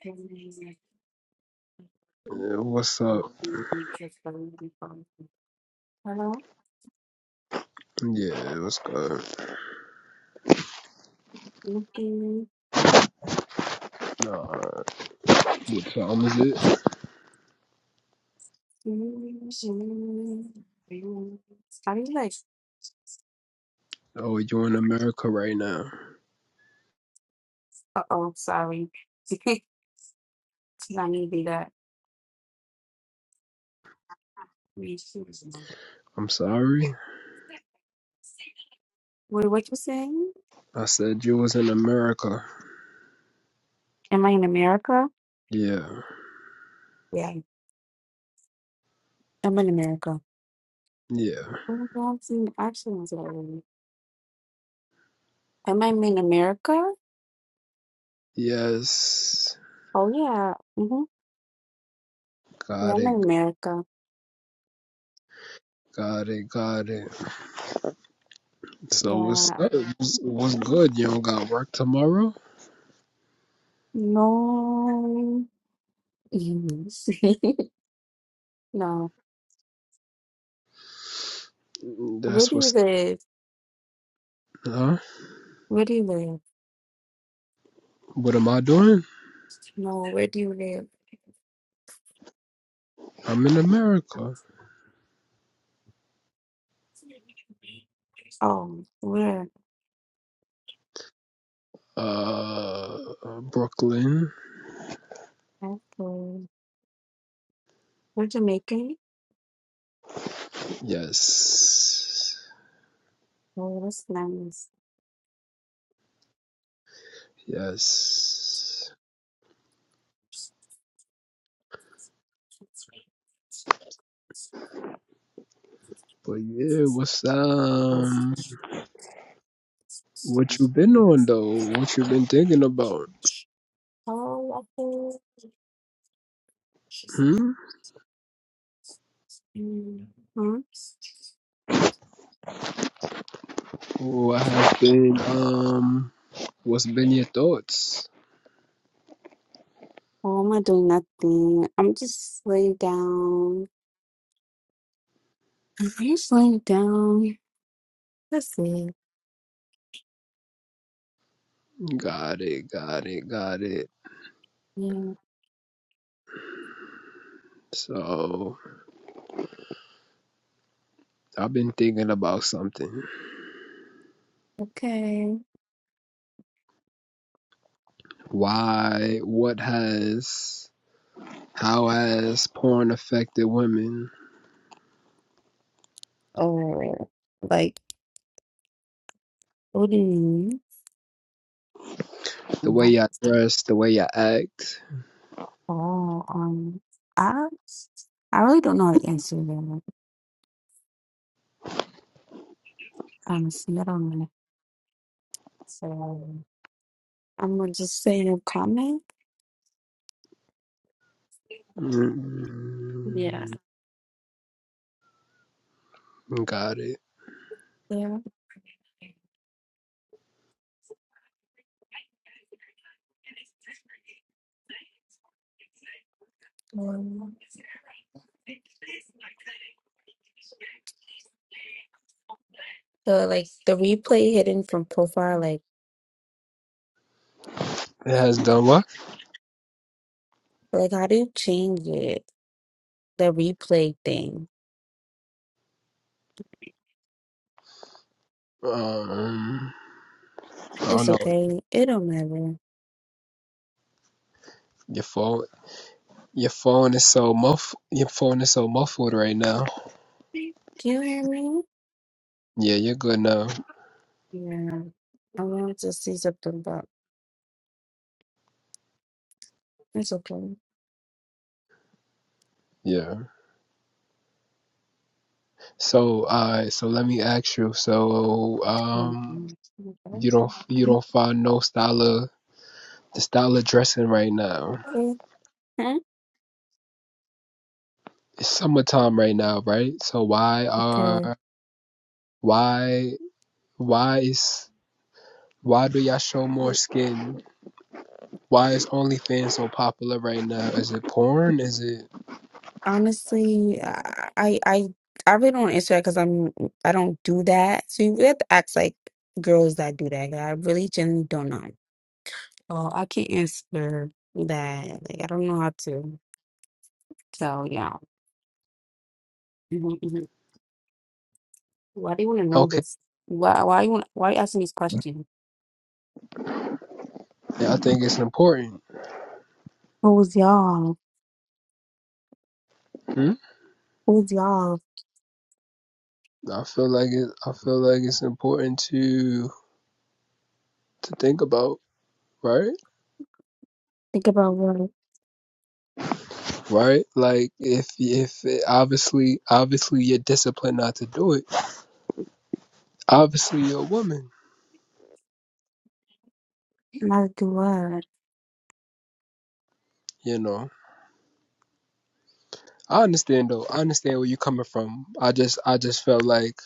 Hello? Yeah, what's up? Yeah, what's good? Nah, what time is it? How do you like? Oh, you in America right now. Uh oh, sorry. Did I need to do that? Wait, I'm sorry. what you saying? I said you was in America. Am I in America? Yeah, Yeah, I'm in America. yeah. Oh, my God, I've seen actions already. Am I in America? Yes. Oh, yeah. Mm-hmm. Yeah, Got I'm in it. America. Got it. Got it. So what's Yeah. up? What's what's good? You don't got work tomorrow? No. no. Where That's do you what's live? huh? Where do you live? What am I doing? No, where do you live? I'm in America. Oh, where? Uh Brooklyn. Okay. We're Jamaican? Yes. Oh, that's nice. Yes. But yeah, what's Oh, um, what you been on though? What you been thinking about? oh okay. Hmm. Mm, Huh? What has been um, what's been your thoughts? Oh, I'm not doing nothing. I'm just laying down. I'm just laying down. That's it. Got it, got it, got it. Yeah. So I've been thinking about something. Okay. Why? What has? How has porn affected women? Oh, like, what do you The mean? way I dress, the way I act. Oh, um, I, I really don't know how to answer that. Honestly, I don't know. So I'm gonna just say a comment. Yeah. Mm, got it. Yeah. Um, So like the replay hidden from profile, like It has done what? like how do you change it? The replay thing. Um, I It's don't know. okay. It don't matter. Your phone, your phone is so muff, your phone is so muffled right now. Do you hear me? Yeah, you're good now. Yeah. I wanted to see something, but it's okay. Yeah. So, uh, so let me ask you. So, um, Mhm. you don't, you don't find no style of the style of dressing right now. Mhm. It's summertime right now, right? So why Okay. are, why, why is, why do y'all show more skin? Why is OnlyFans so popular right now? Is it porn? Is it Honestly, I I I I really don't answer that because I'm I don't do that. So you really have to ask like girls that do that. 'cause I really genuinely don't know. Oh, I can't answer that. Like I don't know how to tell y'all. Mhm, mhm. Why do you want to know okay? this? Why why you want why you asking these questions? I think it's important. Who's y'all? Hmm. Who's y'all? I feel like it. I feel like it's important to to think about, right? Think about what Right? Like if if it, obviously obviously you're disciplined not to do it. Obviously you're a woman, not do what. you know. I understand though. I understand where you're coming from. I just I just felt like,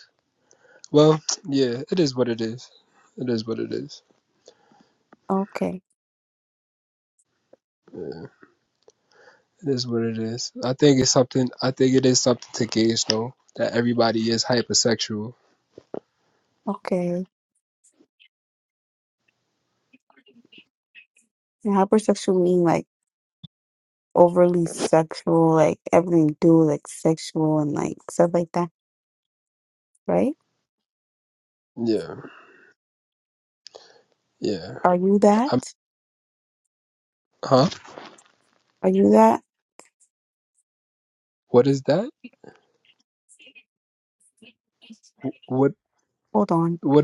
well, yeah, it is what it is. It is what it is. Okay, It is what it is. I think it's something. I think it is something to gauge though that everybody is hypersexual. okay. And hypersexual mean like. overly sexual, like everything you do is, like sexual and like stuff like that, right? Yeah, yeah. Are you that? I'm, huh? Are you that? What is that? Wh- What? Hold on. What?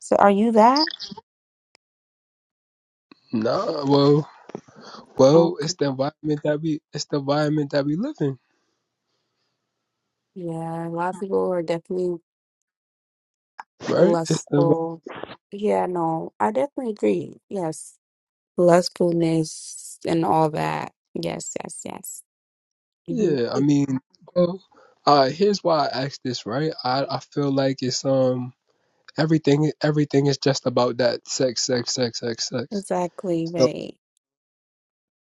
So are you that? Nah, well, well, Okay. it's the environment that we, it's the environment that we live in, Yeah, a lot of people are definitely right? It's the, lustful. Yeah, no, I definitely agree. Yes. Lustfulness and all that. Yes, yes, yes. hmm yeah. I mean, well, uh, here's why I asked this, right? I, I feel like it's um everything, everything is just about that sex, sex, sex, sex, sex. Exactly So right.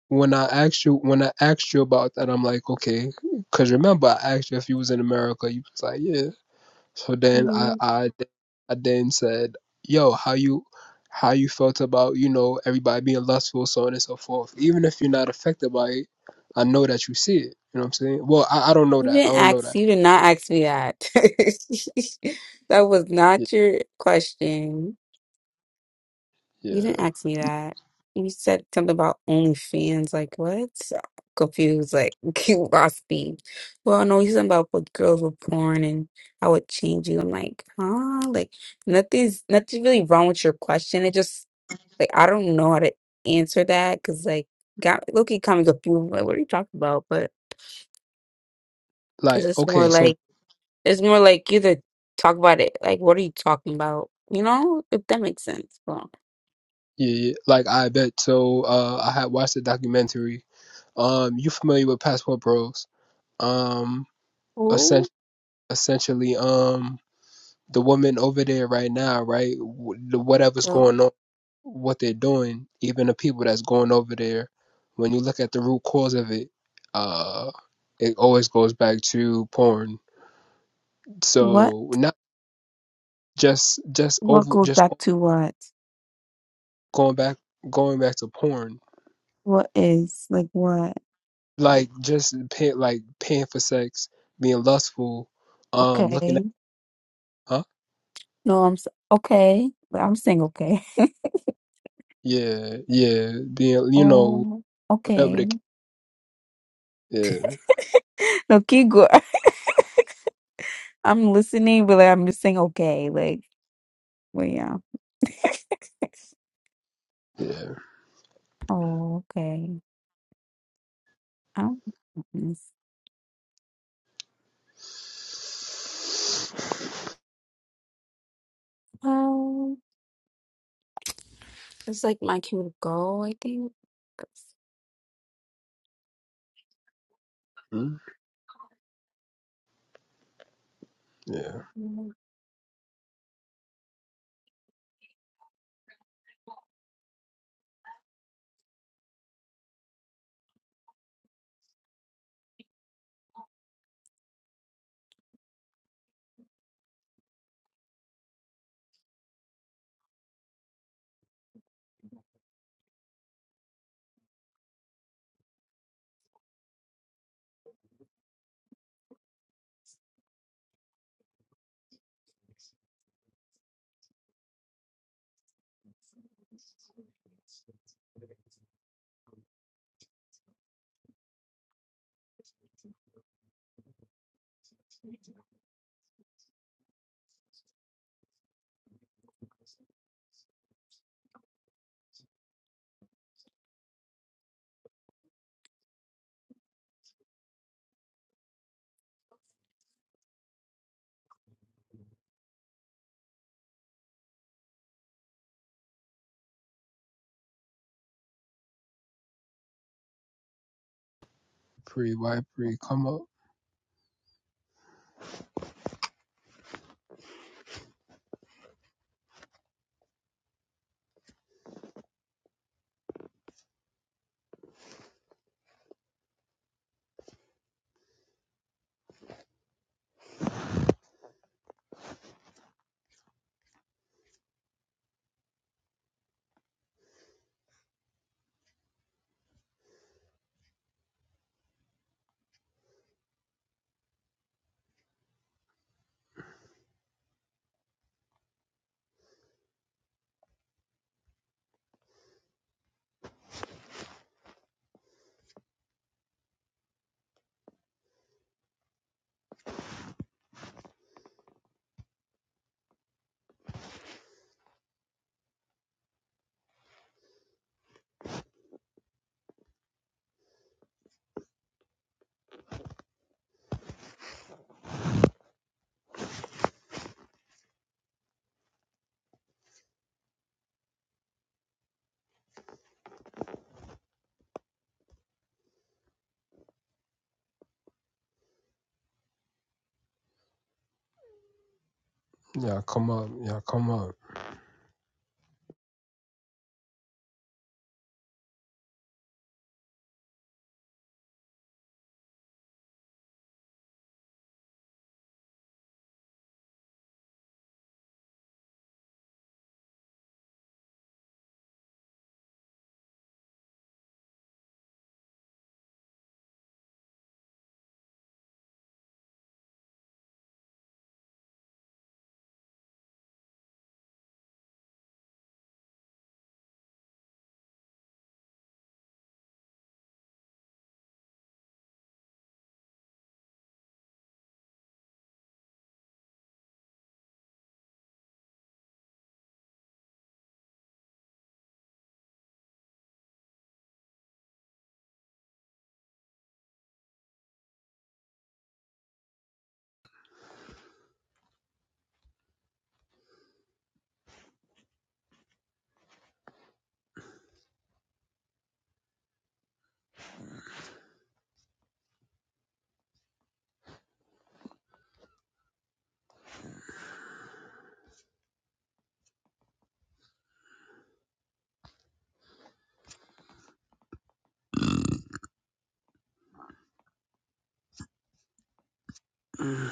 when I asked you, when I asked you about that, I'm like, okay, because remember I asked you if you was in America, you was like, yeah. So then Mm-hmm. I I, I then said, "Yo, how you how you felt about you know everybody being lustful, so on and so forth? Even if you're not affected by it, I know that you see it. You know what I'm saying? Well, I, I don't know You that. I didn't don't know ask, that. you did not ask me that. That was Y- not your question. You didn't Yeah. ask me that. You said something about OnlyFans. Like, what? So Confused, like, you lost me. Well, no, you said about what girls were porn and I would change you. I'm like, huh? Like, nothing's nothing really wrong with your question. It just, like, I don't know how to answer that because, like, got Loki kind of confused. Like, what are you talking about? But it's Like just more okay, so like, It's more like you to talk about it. Like, what are you talking about? You know, if that makes sense. Well, yeah, yeah. like I bet. So uh, I had watched the documentary. Um, you familiar with Passport Bros? Um, essen- who essentially, um. the woman over there right now, right? w- the- Whatever's the going on, what they're doing, even the people that's going over there, when you look at the root cause of it, uh, it always goes back to porn. What? So not just just What over goes just back to what? going back going back to porn, What is like what? like just pay, like paying for sex, being lustful, um, looking okay? at huh? No, I'm s- okay. But I'm saying okay. Yeah, yeah, being you know Oh, whatever okay. the yeah No, keep go. I'm listening, but like, I'm just saying okay. Like, well, yeah. Oh, okay. I do yeah. Well, it's like my cue to go. I think. Mm, Yeah. Pre white pre come up. Yeah, come up. Yeah, come up. Mm.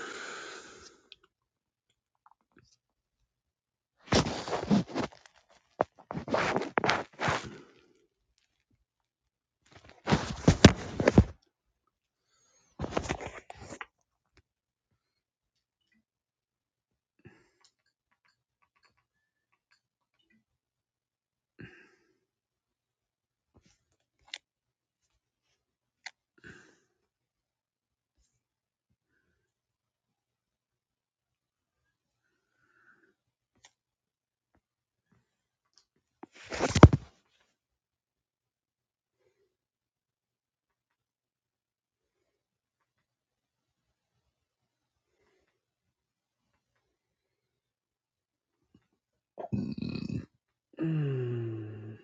Mm.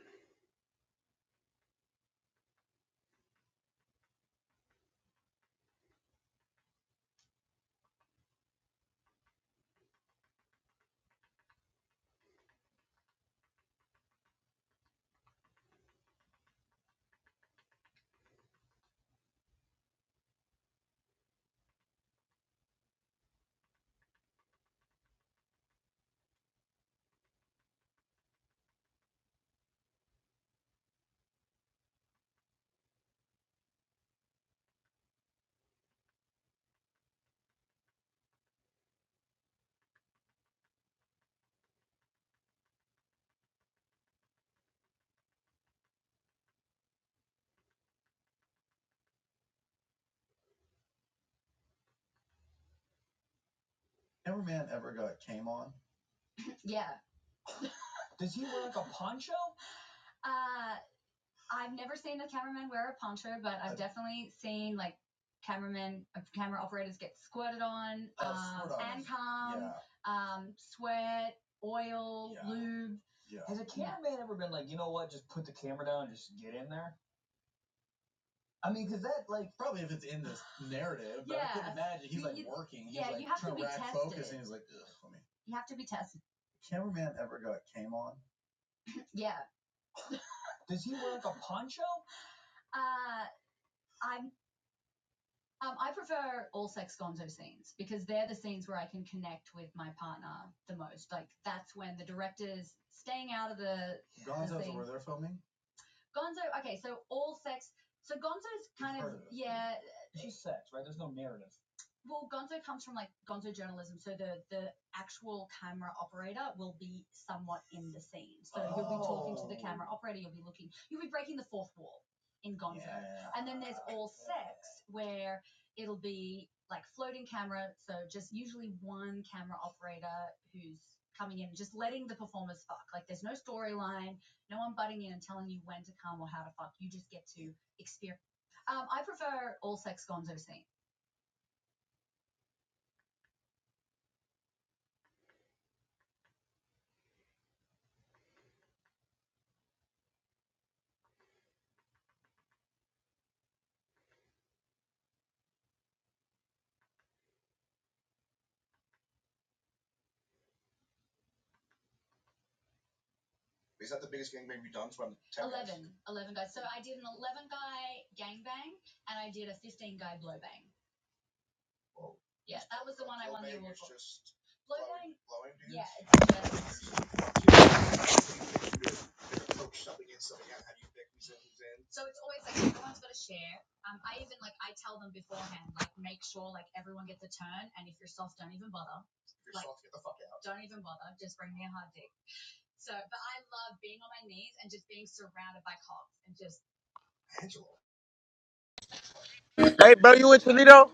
Hey, bro, you in Toledo?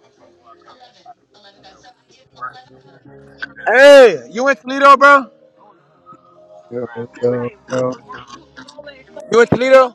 Hey, you in Toledo, bro? Yo, yo, yo. You in Toledo?